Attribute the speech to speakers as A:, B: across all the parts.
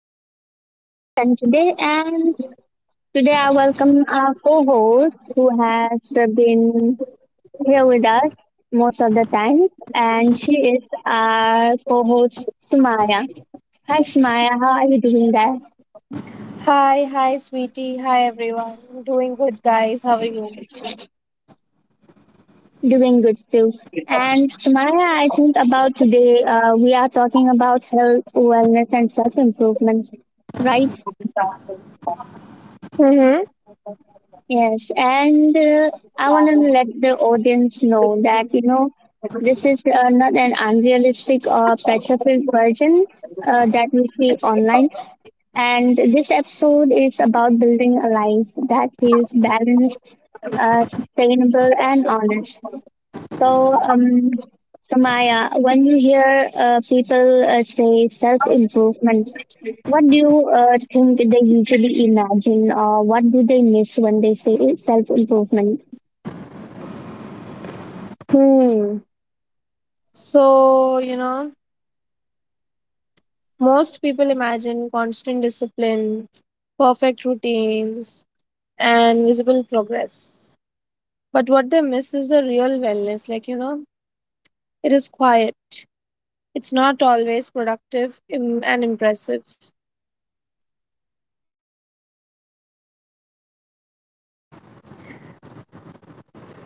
A: another podcast again today, and today I welcome our co-host who has been here with us most of the time, and she is our co-host Sumaya. Hi Sumaya, how are you doing there?
B: Hi, hi, sweetie. Hi, everyone. Doing good, guys. How are you?
A: Doing good too. And Sumaya, I think about today we are talking about health, wellness, and self-improvement, right?
B: Mm-hmm.
A: Yes, and I want to let the audience know that, you know, this is not an unrealistic or pressure filled version that we see online. And this episode is about building a life that is balanced, sustainable, and honest. So, um, so Maya, when you hear people say self improvement, what do you think they usually imagine, or what do they miss when they say self improvement?
B: Hmm. So, you know, most people imagine constant discipline, perfect routines, and visible progress. But what they miss is the real wellness. Like, you know, it is quiet, it's not always productive and impressive.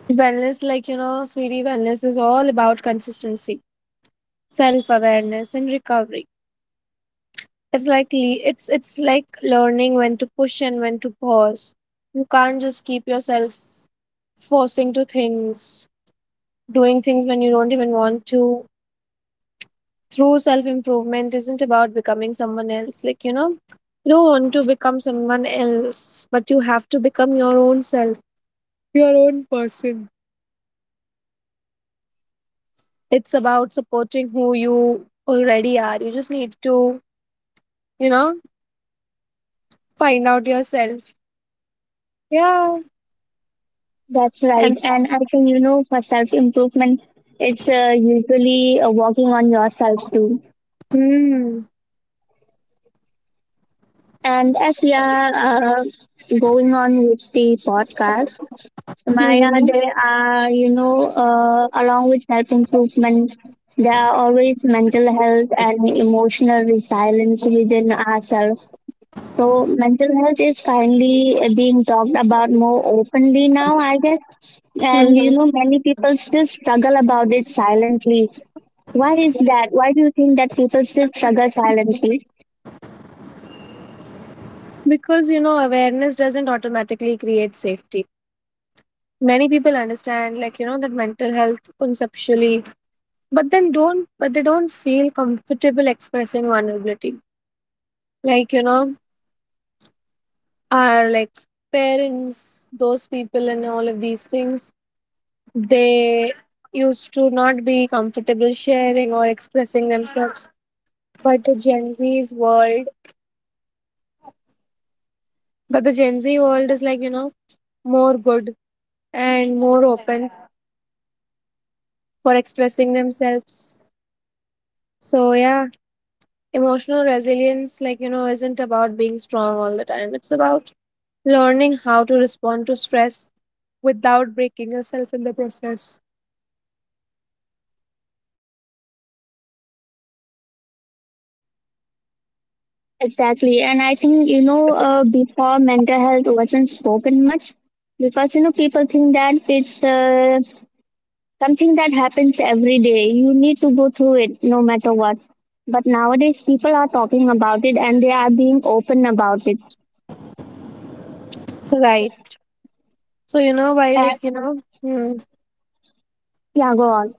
B: Wellness, like, you know, sweetie, wellness is all about consistency, self awareness, and recovery. It's like learning when to push and when to pause. You can't just keep yourself forcing to things, doing things when you don't even want to. Through self improvement isn't about becoming someone else. Like, you know, you don't want to become someone else, but you have to become your own self, your own person. It's about supporting who you already are. You just need to, you know, find out yourself. Yeah.
A: That's right.
B: And.
A: And I think, you know, for self improvement, it's usually working on yourself too.
B: Hmm.
A: And as we are going on with the podcast, Maya,
B: Mhm.
A: there are, you know, along with self improvement, there are always mental health and emotional resilience within ourselves. So, mental health is finally being talked about more openly now, I guess. And, you
B: Mhm.
A: know, many people still struggle about it silently. Why is that? Why do you think that people still struggle silently?
B: Because, you know, awareness doesn't automatically create safety. Many people understand, like, you know, that mental health conceptually, but they don't feel comfortable expressing vulnerability. Like, you know, our like parents, those people, and all of these things, they used to not be comfortable sharing or expressing themselves. But the Gen Z's world, but the Gen Z world is like, you know, more good and more open for expressing themselves. So, yeah, emotional resilience, like, you know, isn't about being strong all the time. It's about learning how to respond to stress without breaking yourself in the process.
A: Exactly. And I think, you know, before, mental health wasn't spoken much because, you know, people think that it's something that happens every day. You need to go through it no matter what. But nowadays, people are talking about it and they are being open about it.
B: Right. So, you know, why,
A: Uh,
B: like, you know, hmm.
A: yeah, go on.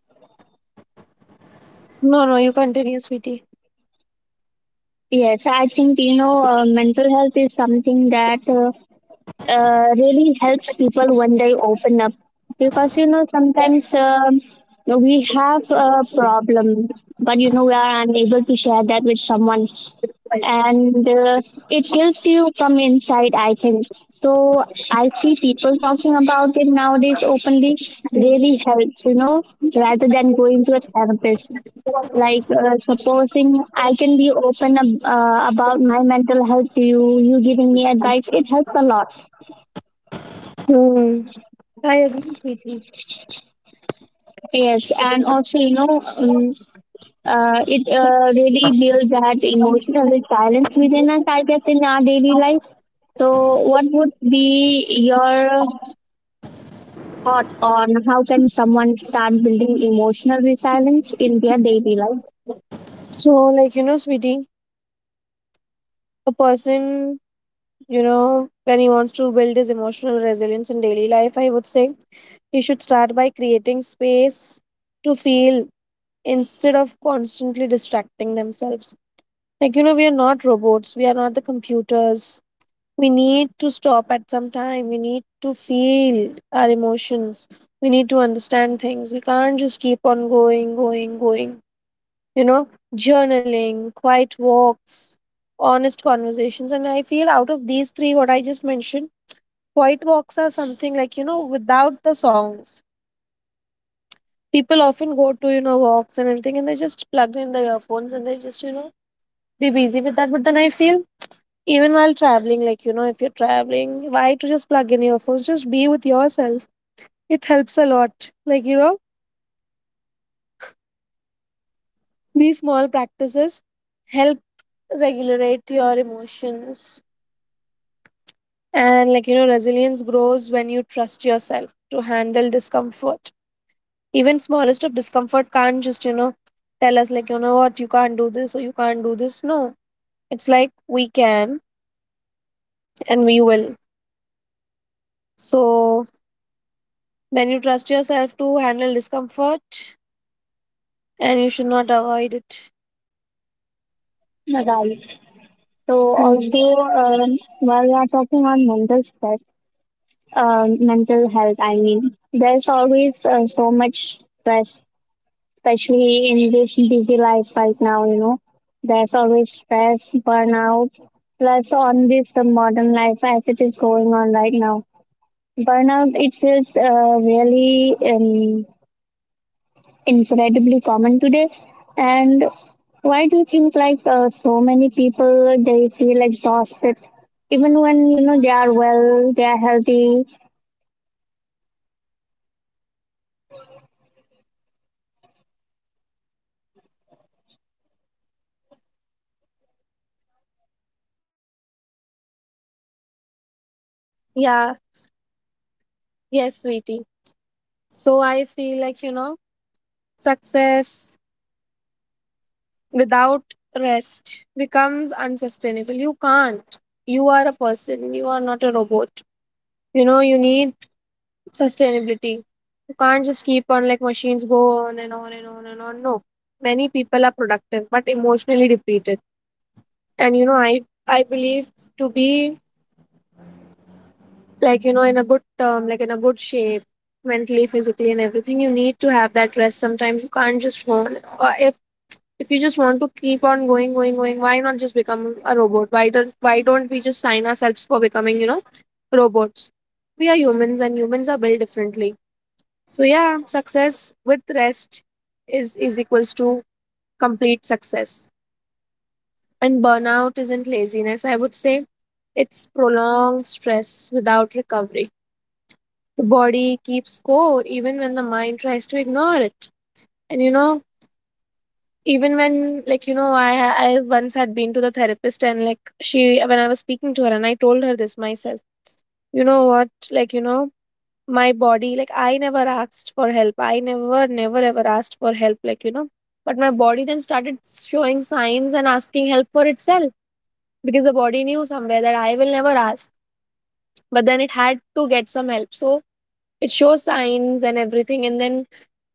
B: No, no, you continue, sweetie.
A: Yes, I think, you know, mental health is something that really helps people when they open up, because you know sometimes, we have a problem, but you know we are unable to share that with someone, and it kills you from inside, I think. So I see people talking about it nowadays openly. Really helps, you know, rather than going to a therapist. Like, supposing I can be open about my mental health to you, you giving me advice, it helps a lot.
B: Hmm. I agree, sweetie.
A: Yes, and also, you know, it really builds that emotional resilience within us, I guess, in our daily life. So, what would be your thought on how can someone start building emotional resilience in their daily life?
B: So, like, you know, sweetie, a person, you know, when he wants to build his emotional resilience in daily life, I would say he should start by creating space to feel instead of constantly distracting themselves. Like, you know, we are not robots, we are not the computers. We need to stop at some time, we need to feel our emotions, we need to understand things. We can't just keep on going, going, going. You know, journaling, quiet walks, honest conversations. And I feel out of these three, what I just mentioned, quiet walks are something like, you know, without the songs. People often go to, you know, walks and everything, and they just plug in the earphones and they just, be busy with that. But then I feel even while traveling, like you know, if you're traveling, why to just plug in your phones? Just be with yourself. It helps a lot. Like you know, these small practices help regulate your emotions, and like you know, resilience grows when you trust yourself to handle discomfort. Even smallest of discomfort can't just you know tell us like you know what you can't do this or you can't do this. No, it's like we can and we will. So when you trust yourself to handle discomfort, and you should not avoid it.
A: Right. So,
B: Hmm.
A: also, while we are talking on mental stress, mental health, I mean, there's always so much stress, especially in this busy life right now, you know. There's always stress, burnout, plus on this the modern life as it is going on right now. Burnout, it feels really incredibly common today. And why do you think like so many people, they feel exhausted? Even when, you know, they are well, they are healthy.
B: Yeah, yes, sweetie. So I feel like, you know, success without rest becomes unsustainable. You can't. You are a person, you are not a robot. You know, you need sustainability. You can't just keep on like machines go on and on and on and on. No. Many people are productive but emotionally depleted. And you know, I believe to be like you know in a good term, like in a good shape mentally, physically, and everything, you need to have that rest sometimes. You can't just want, if you just want to keep on going, going, going, why not just become a robot? Why don't we just sign ourselves for becoming, you know, robots. We are humans, and humans are built differently. So yeah, success with rest is equals to complete success. And burnout isn't laziness, I would say. It's prolonged stress without recovery. The body keeps score even when the mind tries to ignore it. And you know, even when like you know, I once had been to the therapist, and like she, when I was speaking to her, and I told her this myself. You know what? Like you know, my body, like, I never asked for help. I never ever asked for help. Like you know, but my body then started showing signs and asking help for itself, because the body knew somewhere that I will never ask. But then it had to get some help. So it shows signs and everything, and then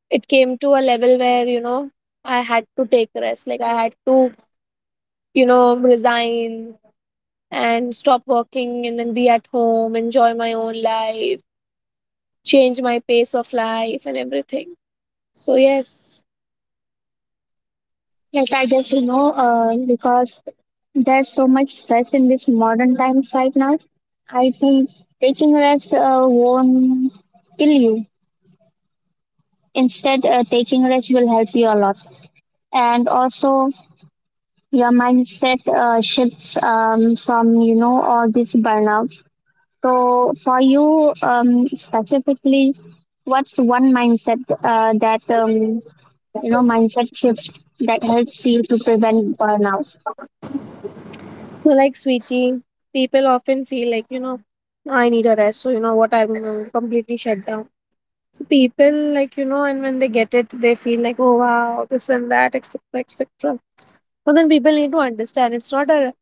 B: it came to a level where you know, I had to take rest. Like I had to, you know, resign and stop working, and then be at home, enjoy my own life, change my pace of life and everything. So yes.
A: Yes, I guess you know, because there's so much stress in this modern times right now. I think taking rest won't kill you. Instead, taking rest will help you a lot. And also, your mindset shifts from you know all these burnouts. So for you, specifically, what's one mindset that you know, mindset shift that helps you to prevent burnout?
B: So like sweetie, people often feel like you know, I need a rest. So you know what, I'm completely shut down. So people like you know, and when they get it, they feel like, oh wow, this and that, etc. etc. So then people need to understand, it's not a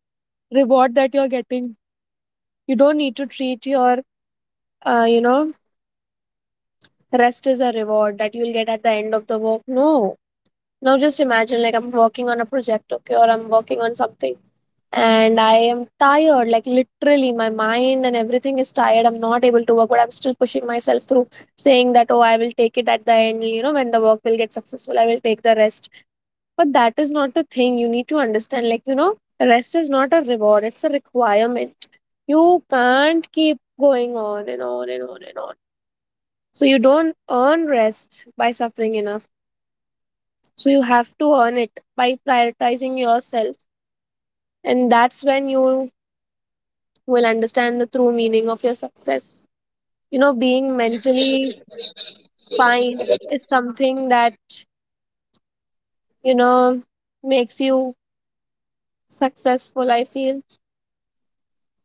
B: reward that you're getting. You don't need to treat your, you know, rest as a reward that you'll get at the end of the work. No. Now just imagine, like, I'm working on a project, okay, or I'm working on something, and I am tired. Like literally my mind and everything is tired. I'm not able to work, but I'm still pushing myself through, saying that, oh, I will take it at the end, you know, when the work will get successful, I will take the rest. But that is not the thing. You need to understand, like you know, rest is not a reward, it's a requirement. You can't keep going on and on and on and on. So you don't earn rest by suffering enough. So you have to earn it by prioritizing yourself. And that's when you will understand the true meaning of your success. You know, being mentally fine is something that, you know, makes you successful, I feel.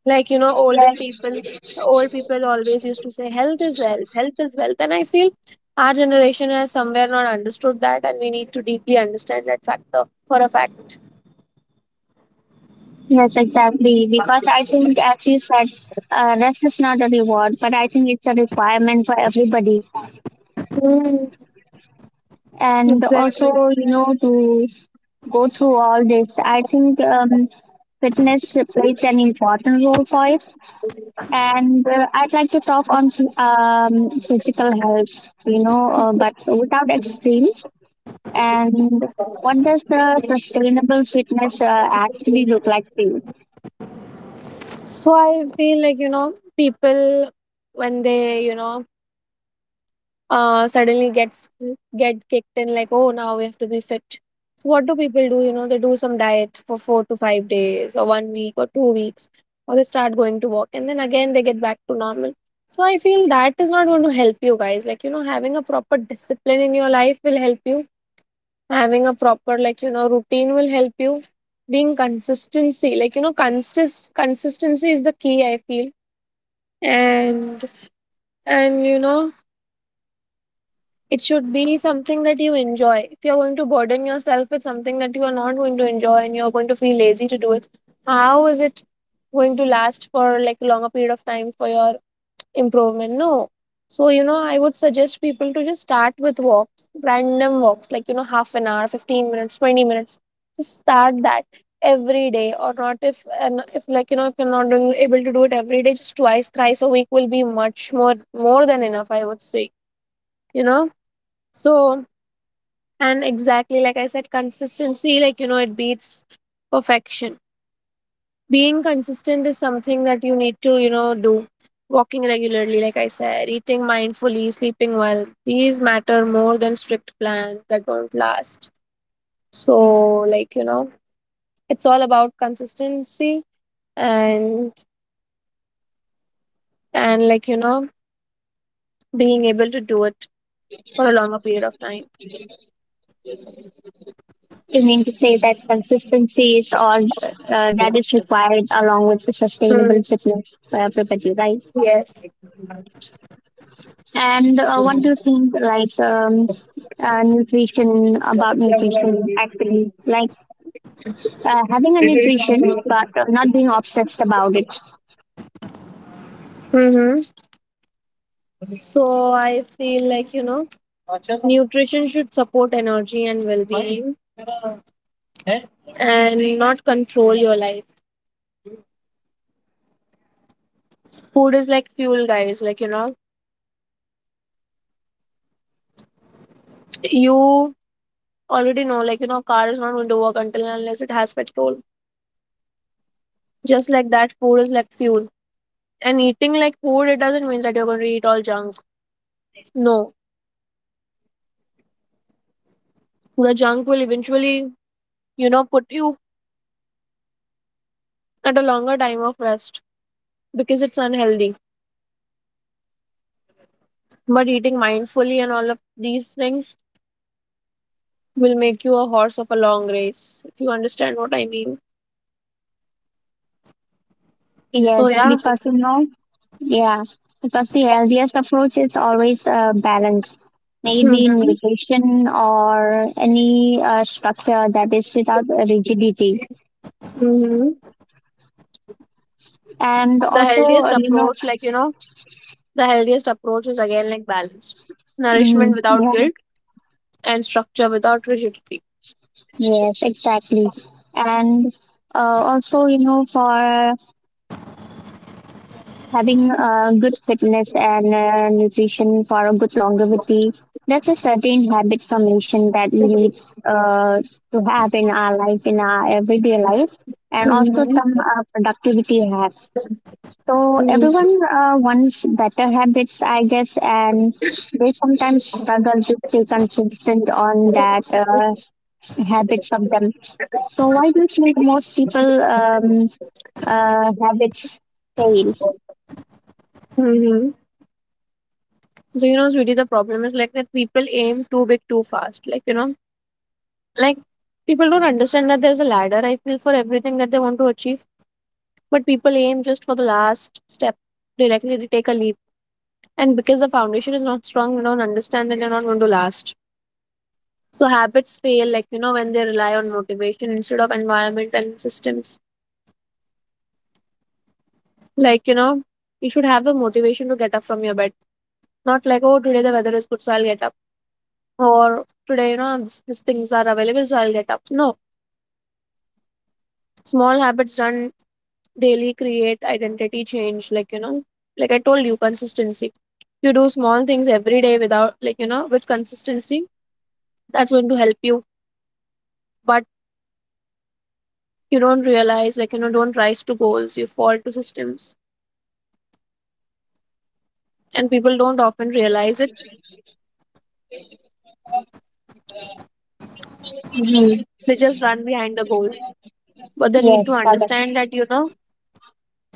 B: Like, you know, olden people, old people always used to say, health is wealth, health is wealth. And I feel our generation has somewhere not understood that, and we need to deeply understand that factor for a fact.
A: Yes, exactly. Because I think, as you said, rest is not a reward, but I think it's a requirement for everybody.
B: Hmm.
A: And also,
B: Exactly.
A: you know, to go through all this, I think, fitness plays an important role for it. And I'd like to talk on, physical health, you know, but without extremes. And what does the sustainable fitness actually look like to you?
B: So I feel like you know, people when they you know suddenly gets get kicked in like, oh, now we have to be fit. So what do people do? You know, they do some diet for 4 to 5 days or one week or 2 weeks, or they start going to walk, and then again they get back to normal. So I feel that is not going to help you guys. Like you know, having a proper discipline in your life will help you, having a proper like you know routine will help you, being consistency, like you know, consistency is the key, I feel. and and you know, it should be something that you enjoy. If you're going to burden yourself with something that you are not going to enjoy, and you're going to feel lazy to do it, how is it going to last for like a longer period of time for your improvement? No. So you know, I would suggest people to just start with walks, random walks, like you know, half an hour, 15 minutes, 20 minutes. Just start that every day or not. If like you know, if you're not doing, able to do it every day, just twice thrice a week will be much more than enough, I would say, you know. So, and exactly like I said, consistency, like you know, it beats perfection. Being consistent is something that you need to, you know, do. Walking regularly, like I said, eating mindfully, sleeping well, these matter more than strict plans that don't last. So like you know, it's all about consistency. and and like you know, being able to do it for a longer period of time.
A: You mean to say that consistency is all that is required along with the sustainable
B: Hmm,
A: fitness for everybody, right?
B: yes.
A: And what do you think, like, nutrition, about nutrition, actually? Like, having a nutrition, but not being obsessed about it.
B: Mm-hmm. So I feel like you know, nutrition should support energy and well-being and not control your life. Food is like fuel, guys. Like you know, you already know, like you know, car is not going to work until and unless it has petrol. Just like that, food is like fuel. And eating like food, it doesn't mean that you're going to eat all junk. No. The junk will eventually, you know, put you at a longer time of rest, because it's unhealthy. But eating mindfully and all of these things will make you a horse of a long race, if you understand what I mean. So
A: Yes,
B: yeah.
A: because, you know, yeah, because the healthiest approach is always balance. Maybe
B: Hmm.
A: nutrition or any structure that is without rigidity,
B: Hmm.
A: and
B: The
A: also,
B: healthiest
A: you know,
B: approach, like you know, the healthiest approach is again like balance,
A: mm,
B: nourishment without
A: yeah,
B: guilt, and structure without rigidity.
A: yes exactly. And uh, also, you know, for having good fitness and nutrition for a good longevity, that's a certain habit formation that we need uh, to have in our life, in our everyday life, and also
B: Mhm.
A: some productivity hacks. So everyone
B: Mhm.
A: wants better habits, I guess, and they sometimes struggle to stay consistent on that, habits of them. So why do you think most people, habits fail?
B: Hmm. So you know, sweetie, the problem is like that, people aim too big too fast. Like you know, like people don't understand that there's a ladder. I feel for everything that they want to achieve, but people aim just for the last step directly. They take a leap, and because the foundation is not strong, they don't understand that they're not going to last. So habits fail, like when they rely on motivation instead of environment and systems. Like, you should have a motivation to get up from your bed. Not like, oh, today the weather is good, so I'll get up. Or today, these things are available, so I'll get up. No, small habits done daily create identity change. Like I told you, consistency. You do small things every day without, with consistency, that's going to help you. But you don't realize, don't rise to goals, you fall to systems. And people don't often realize it.
A: Mm-hmm.
B: They just run behind the goals, but they need to
A: Yes, correct.
B: understand that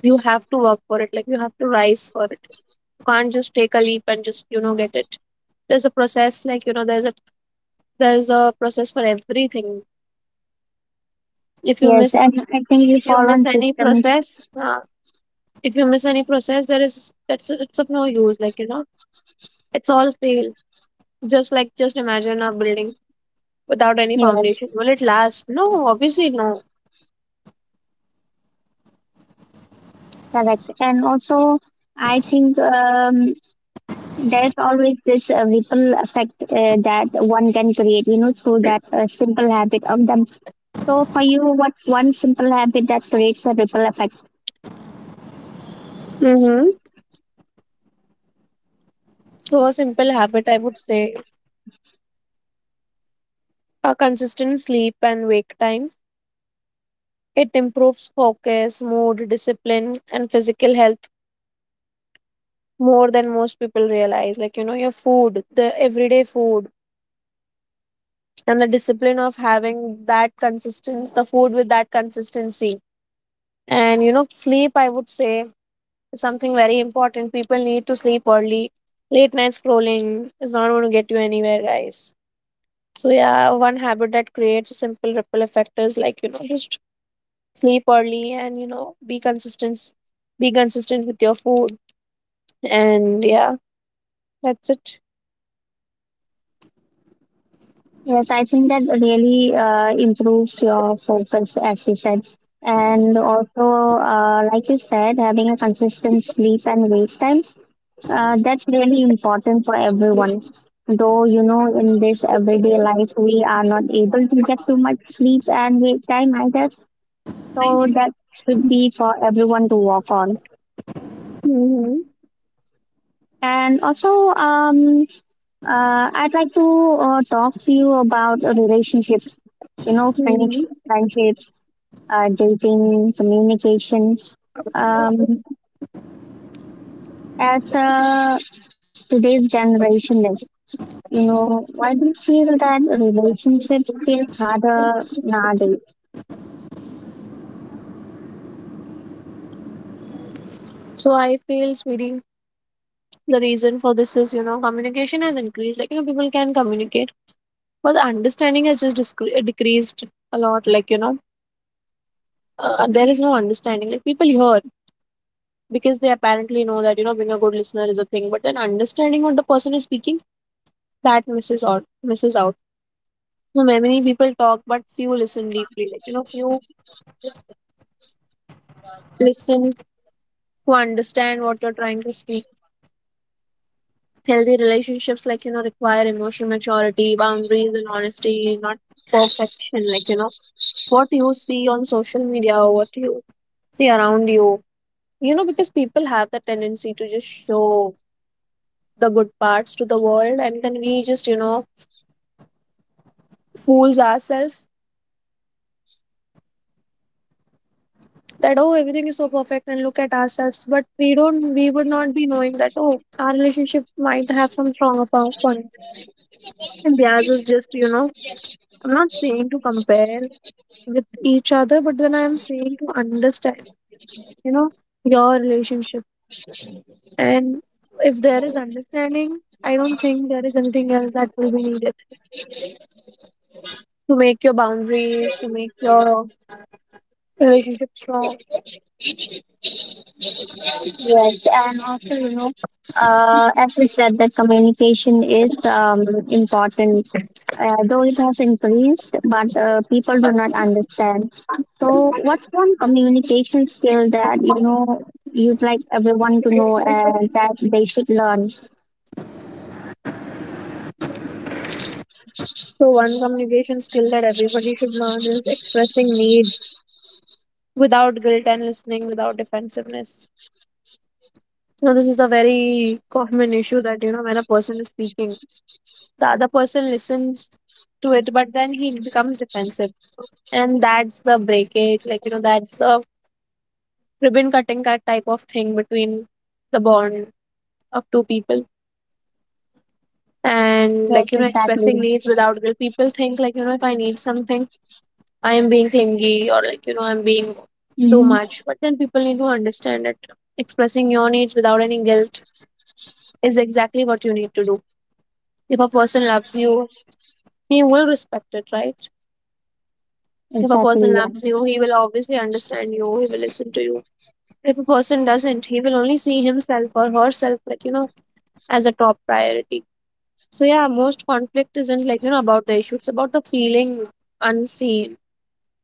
B: you have to work for it, like you have to rise for it. You can't just take a leap and just get it. There's a process, like there's a process for everything. if you
A: Yes,
B: miss
A: and I think we
B: if you
A: fall
B: miss
A: on
B: any
A: systems.
B: process if you miss any process, there is that's it's of no use, like it's all fail. Just imagine a building without any
A: Yes,
B: foundation. Will it last? No, obviously no.
A: correct. And also, I think, there's always this ripple effect that one can create, you know, through that simple habit of them. So for you, what's one simple habit that creates a ripple effect?
B: Mm-hmm. So a simple habit, I would say, a consistent sleep and wake time. It improves focus, mood, discipline, and physical health more than most people realize. Like, your food, the everyday food, and the discipline of having that consistent, the food with that consistency. And, sleep, I would say, is something very important. People need to sleep early. Late night scrolling is not going to get you anywhere, guys. So, yeah, one habit that creates a simple ripple effect is like, just sleep early and, be consistent with your food, and yeah, that's it.
A: Yes, I think that really improves your focus, as you said. And also, like you said, having a consistent sleep and wake time, that's really important for everyone. Though, you know, in this everyday life, we are not able to get too much sleep and wake time either. So that should be for everyone to work on.
B: Hmm.
A: And also, um, I'd like to talk to you about relationships, you know,
B: Hmm.
A: friendships, dating, communication. Um, as today's generation is, you know, why do you feel that relationships feel harder nowadays?
B: So I feel, sweetie, the reason for this is, communication has increased, like people can communicate, but the understanding has just decreased a lot, like there is no understanding. Like, people hear because they apparently know that, being a good listener is a thing, but then understanding what the person is speaking, that misses out, misses out. So many people talk but few listen deeply, like few just listen to understand what you're trying to speak. Healthy relationships, require emotional maturity, boundaries, and honesty, not perfection. Like, what you see on social media or what you see around you, because people have the tendency to just show the good parts to the world, and then we just, fools ourselves that oh, everything is so perfect, and look at ourselves, but we would not be knowing that oh, our relationship might have some stronger points, and theirs is just, I'm not saying to compare with each other, but then I am saying to understand, you know your relationship. And if there is understanding, I don't think there is anything else that will be needed to make your boundaries, to make your relationship strong.
A: Yes, and also, you know, as we said, that communication is, important, though it has increased, but people do not understand. So, what's one communication skill that you know you'd like everyone to know and that they should learn?
B: So one communication skill that everybody should learn is expressing needs without guilt and listening without defensiveness. This is a very common issue that, when a person is speaking, the other person listens to it, but then he becomes defensive, and that's the breakage, like that's the ribbon cutting, that type of thing between the bond of two people. And,
A: Yes,
B: like expressing
A: exactly.
B: needs without guilt, people think, like if I need something, I am being clingy, or like I'm being too
A: Hmm.
B: much. But then people need to understand it. Expressing your needs without any guilt is exactly what you need to do. If a person loves you, he will respect it, right? If a person
A: Exactly, yeah.
B: loves you, he will obviously understand you, he will listen to you. But if a person doesn't, he will only see himself or herself, like, as a top priority. So, yeah, most conflict isn't, like, about the issue, it's about the feeling unseen,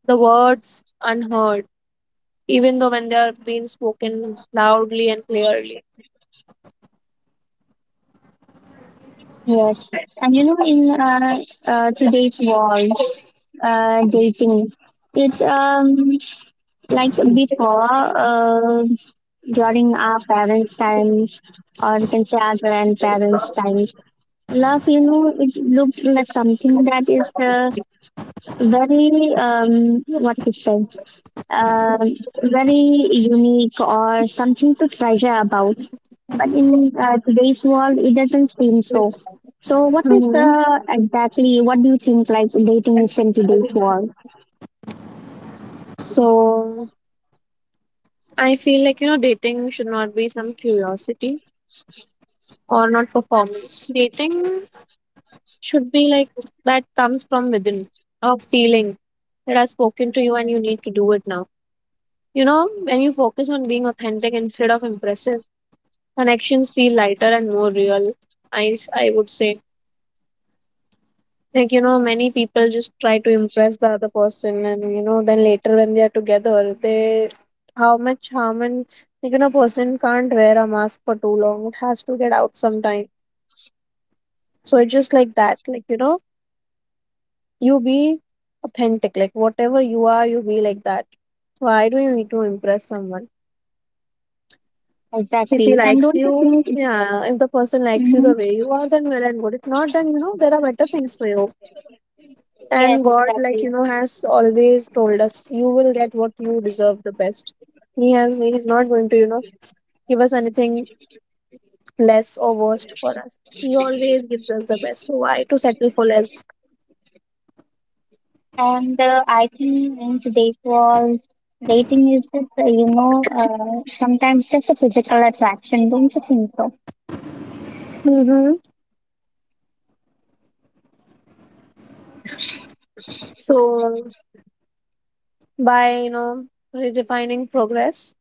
B: the words unheard, even though when they're being spoken loudly and clearly.
A: Yes. And you know, in today's world, dating, it's like before, during our parents' times, or you can say our grandparents' times, love, you know, it looked like something that is very, what to say, um very unique or something to treasure about. But in today's world, it doesn't seem so. So what is the
B: Hmm.
A: exactly, what do you think, like, dating is in today's world?
B: So, I feel like, dating should not be some curiosity or not performance. Dating should be like that comes from within, a feeling that I've spoken to you and you need to do it now. When you focus on being authentic instead of impressive, connections feel lighter and more real. I would say, like many people just try to impress the other person, and then later when they are together, they, how much harm. And, like person can't wear a mask for too long, it has to get out sometime. So it's just like that. Like, you be authentic, like whatever you are, you be like that. Why do you need to impress someone? If he
A: Exactly, and
B: likes
A: don't you
B: you,
A: think it,
B: yeah, if the person likes you the
A: mhm,
B: way you are, then well and good. If not, then there are better things for you.
A: yes,
B: And god, like
A: exactly.
B: has always told us, you will get what you deserve, the best. He's not going to, give us anything less or worst for us. He always gives us the best, so why to settle for less?
A: And I think in today's world, dating is just, you know, sometimes just a physical attraction, don't you think so?
B: Mm-hmm. So by redefining progress.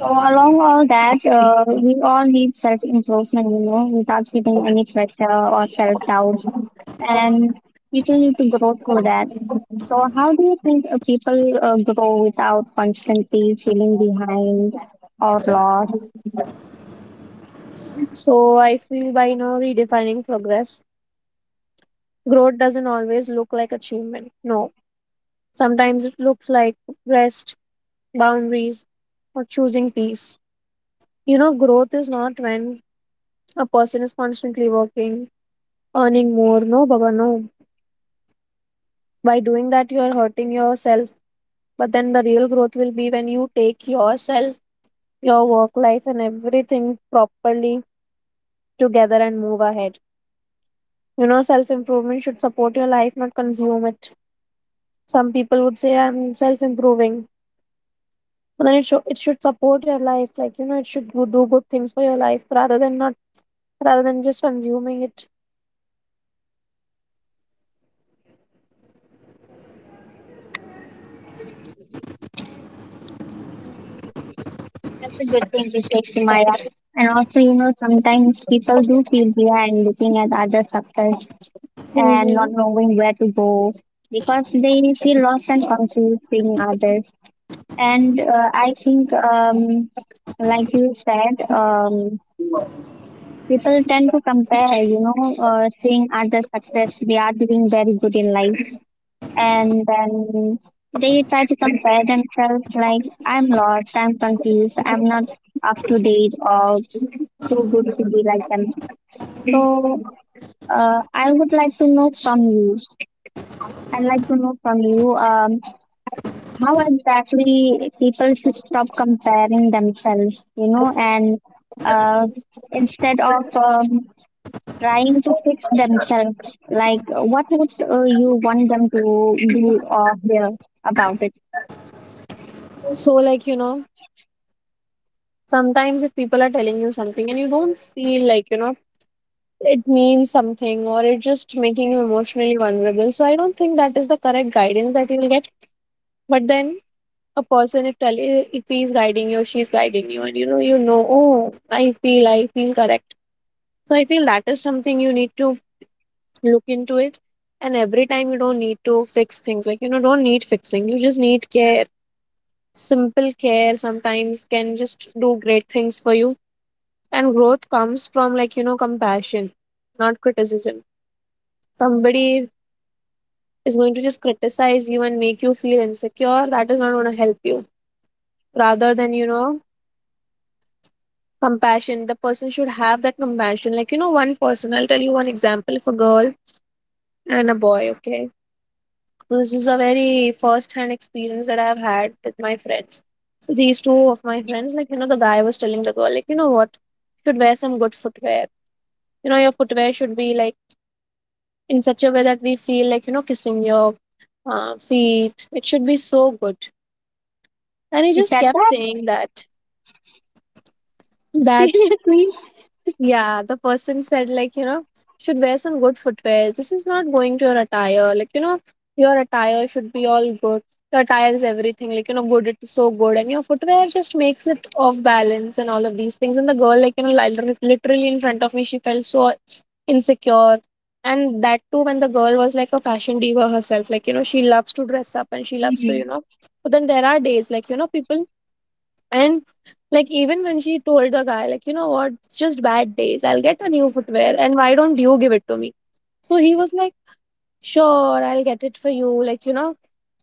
A: So along all that, we all need self improvement, you know, without giving any pressure or self doubt, and people need to grow through that. So, how do you think people grow without constantly feeling behind or lost?
B: So I feel by redefining progress, growth doesn't always look like achievement. No, sometimes it looks like rest, boundaries, or choosing peace. Growth is not when a person is constantly working, earning more. No, Baba, no. By doing that, you are hurting yourself. But then the real growth will be when you take yourself, your work life, and everything properly together, and move ahead. Self improvement should support your life, not consume it. Some people would say I'm self improving, but then it should support your life. Like, it should go, do good things for your life, rather than not rather than just consuming it.
A: That's a good thing to say, Shemaya. And also, you know, sometimes people do feel behind looking at other success and not
B: Mhm.
A: knowing where to go, because they feel lost and confused seeing others. And I think, like you said, people tend to compare, you know, seeing other success, they are doing very good in life. And then they try to compare themselves like, I'm lost, I'm confused, I'm not up to date or too good to be like them. So I would like to know from you. I'd like to know from you, how exactly people should stop comparing themselves, you know, and uh, instead of trying to fix themselves. Like, what would you want them to do or hear about it?
B: So, like, sometimes if people are telling you something and you don't feel like you know it means something, or it's just making you emotionally vulnerable, so I don't think that is the correct guidance that you will get. But then a person, if he's guiding you or she's guiding you, and you know, oh, I feel correct. So I feel that is something you need to look into. It and every time you don't need to fix things, like don't need fixing, you just need care. Simple care sometimes can just do great things for you. And growth comes from, like compassion, not criticism. Somebody is going to just criticize you and make you feel insecure, that is not going to help you. Rather than, compassion, the person should have that compassion. Like, one person, I'll tell you one example of a girl and a boy, okay? So, this is a very first hand experience that I've had with my friends. So, these two of my friends, like, the guy was telling the girl, like, you know what, you should wear some good footwear. Your footwear should be like in such a way that we feel like, kissing your feet. It should be so good. And he
A: Is
B: just
A: that
B: kept
A: that?
B: saying that. That
A: Seriously?
B: Yeah, the person said, like, should wear some good footwear. This is not going to your attire. Like, your attire should be all good. Your attire is everything. Like, good, it's so good. And your footwear just makes it off balance and all of these things. And the girl, like, literally in front of me, she felt so insecure. And that too, when the girl was like a fashion diva herself, like, she loves to dress up and she loves to, you
A: Mhm.
B: know. But then there are days, like, people, and like, even when she told the guy, like, you know what, it's just bad days. I'll get a new footwear, and why don't you give it to me? So he was like, sure, I'll get it for you. Like, you know,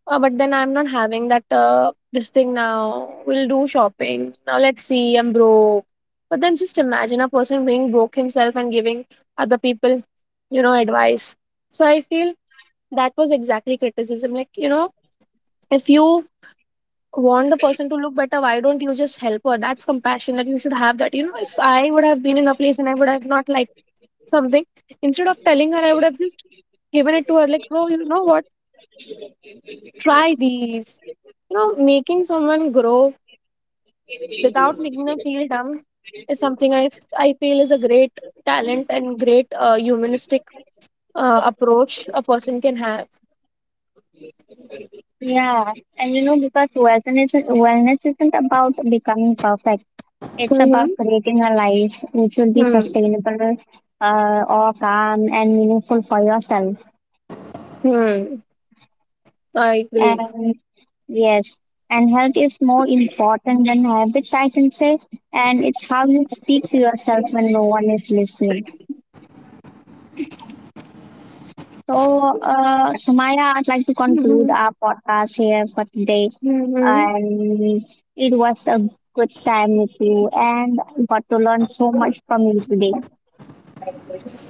B: uh, but then I'm not having that this thing now. We'll do shopping. Now let's see, I'm broke. But then just imagine a person being broke himself and giving other people, advice. So I feel that was exactly criticism. Like, if you want the person to look better, why don't you just help her? That's compassion that you should have. That if I would have been in a place and I would have not liked something, instead of telling her, I would have just given it to her, like, bro, you know what, try these. Making someone grow without making them feel dumb is something I feel is a great talent and great humanistic approach a person can have.
A: Yeah. And you know, because wellness isn't about becoming perfect, it's about
B: Mm-hmm.
A: creating a life which will be
B: Hmm.
A: sustainable, or calm and meaningful for yourself.
B: Hmm, I agree.
A: And yes, and health is more important than habits, I can say. And it's how you speak to yourself when no one is listening. So, Sumaya, I'd like to conclude
B: Mm-hmm.
A: our podcast here for today.
B: Mm-hmm.
A: And it was a good time with you, and got to learn so much from you today.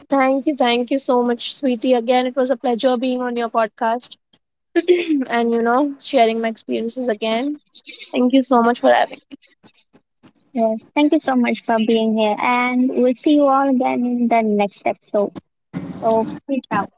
B: Thank you. Thank you so much, sweetie. Again, it was a pleasure being on your podcast and, sharing my experiences again. Thank you so much for having
A: Yes, thank you so much for being here, and we'll see you all again in the next episode. So, peace out.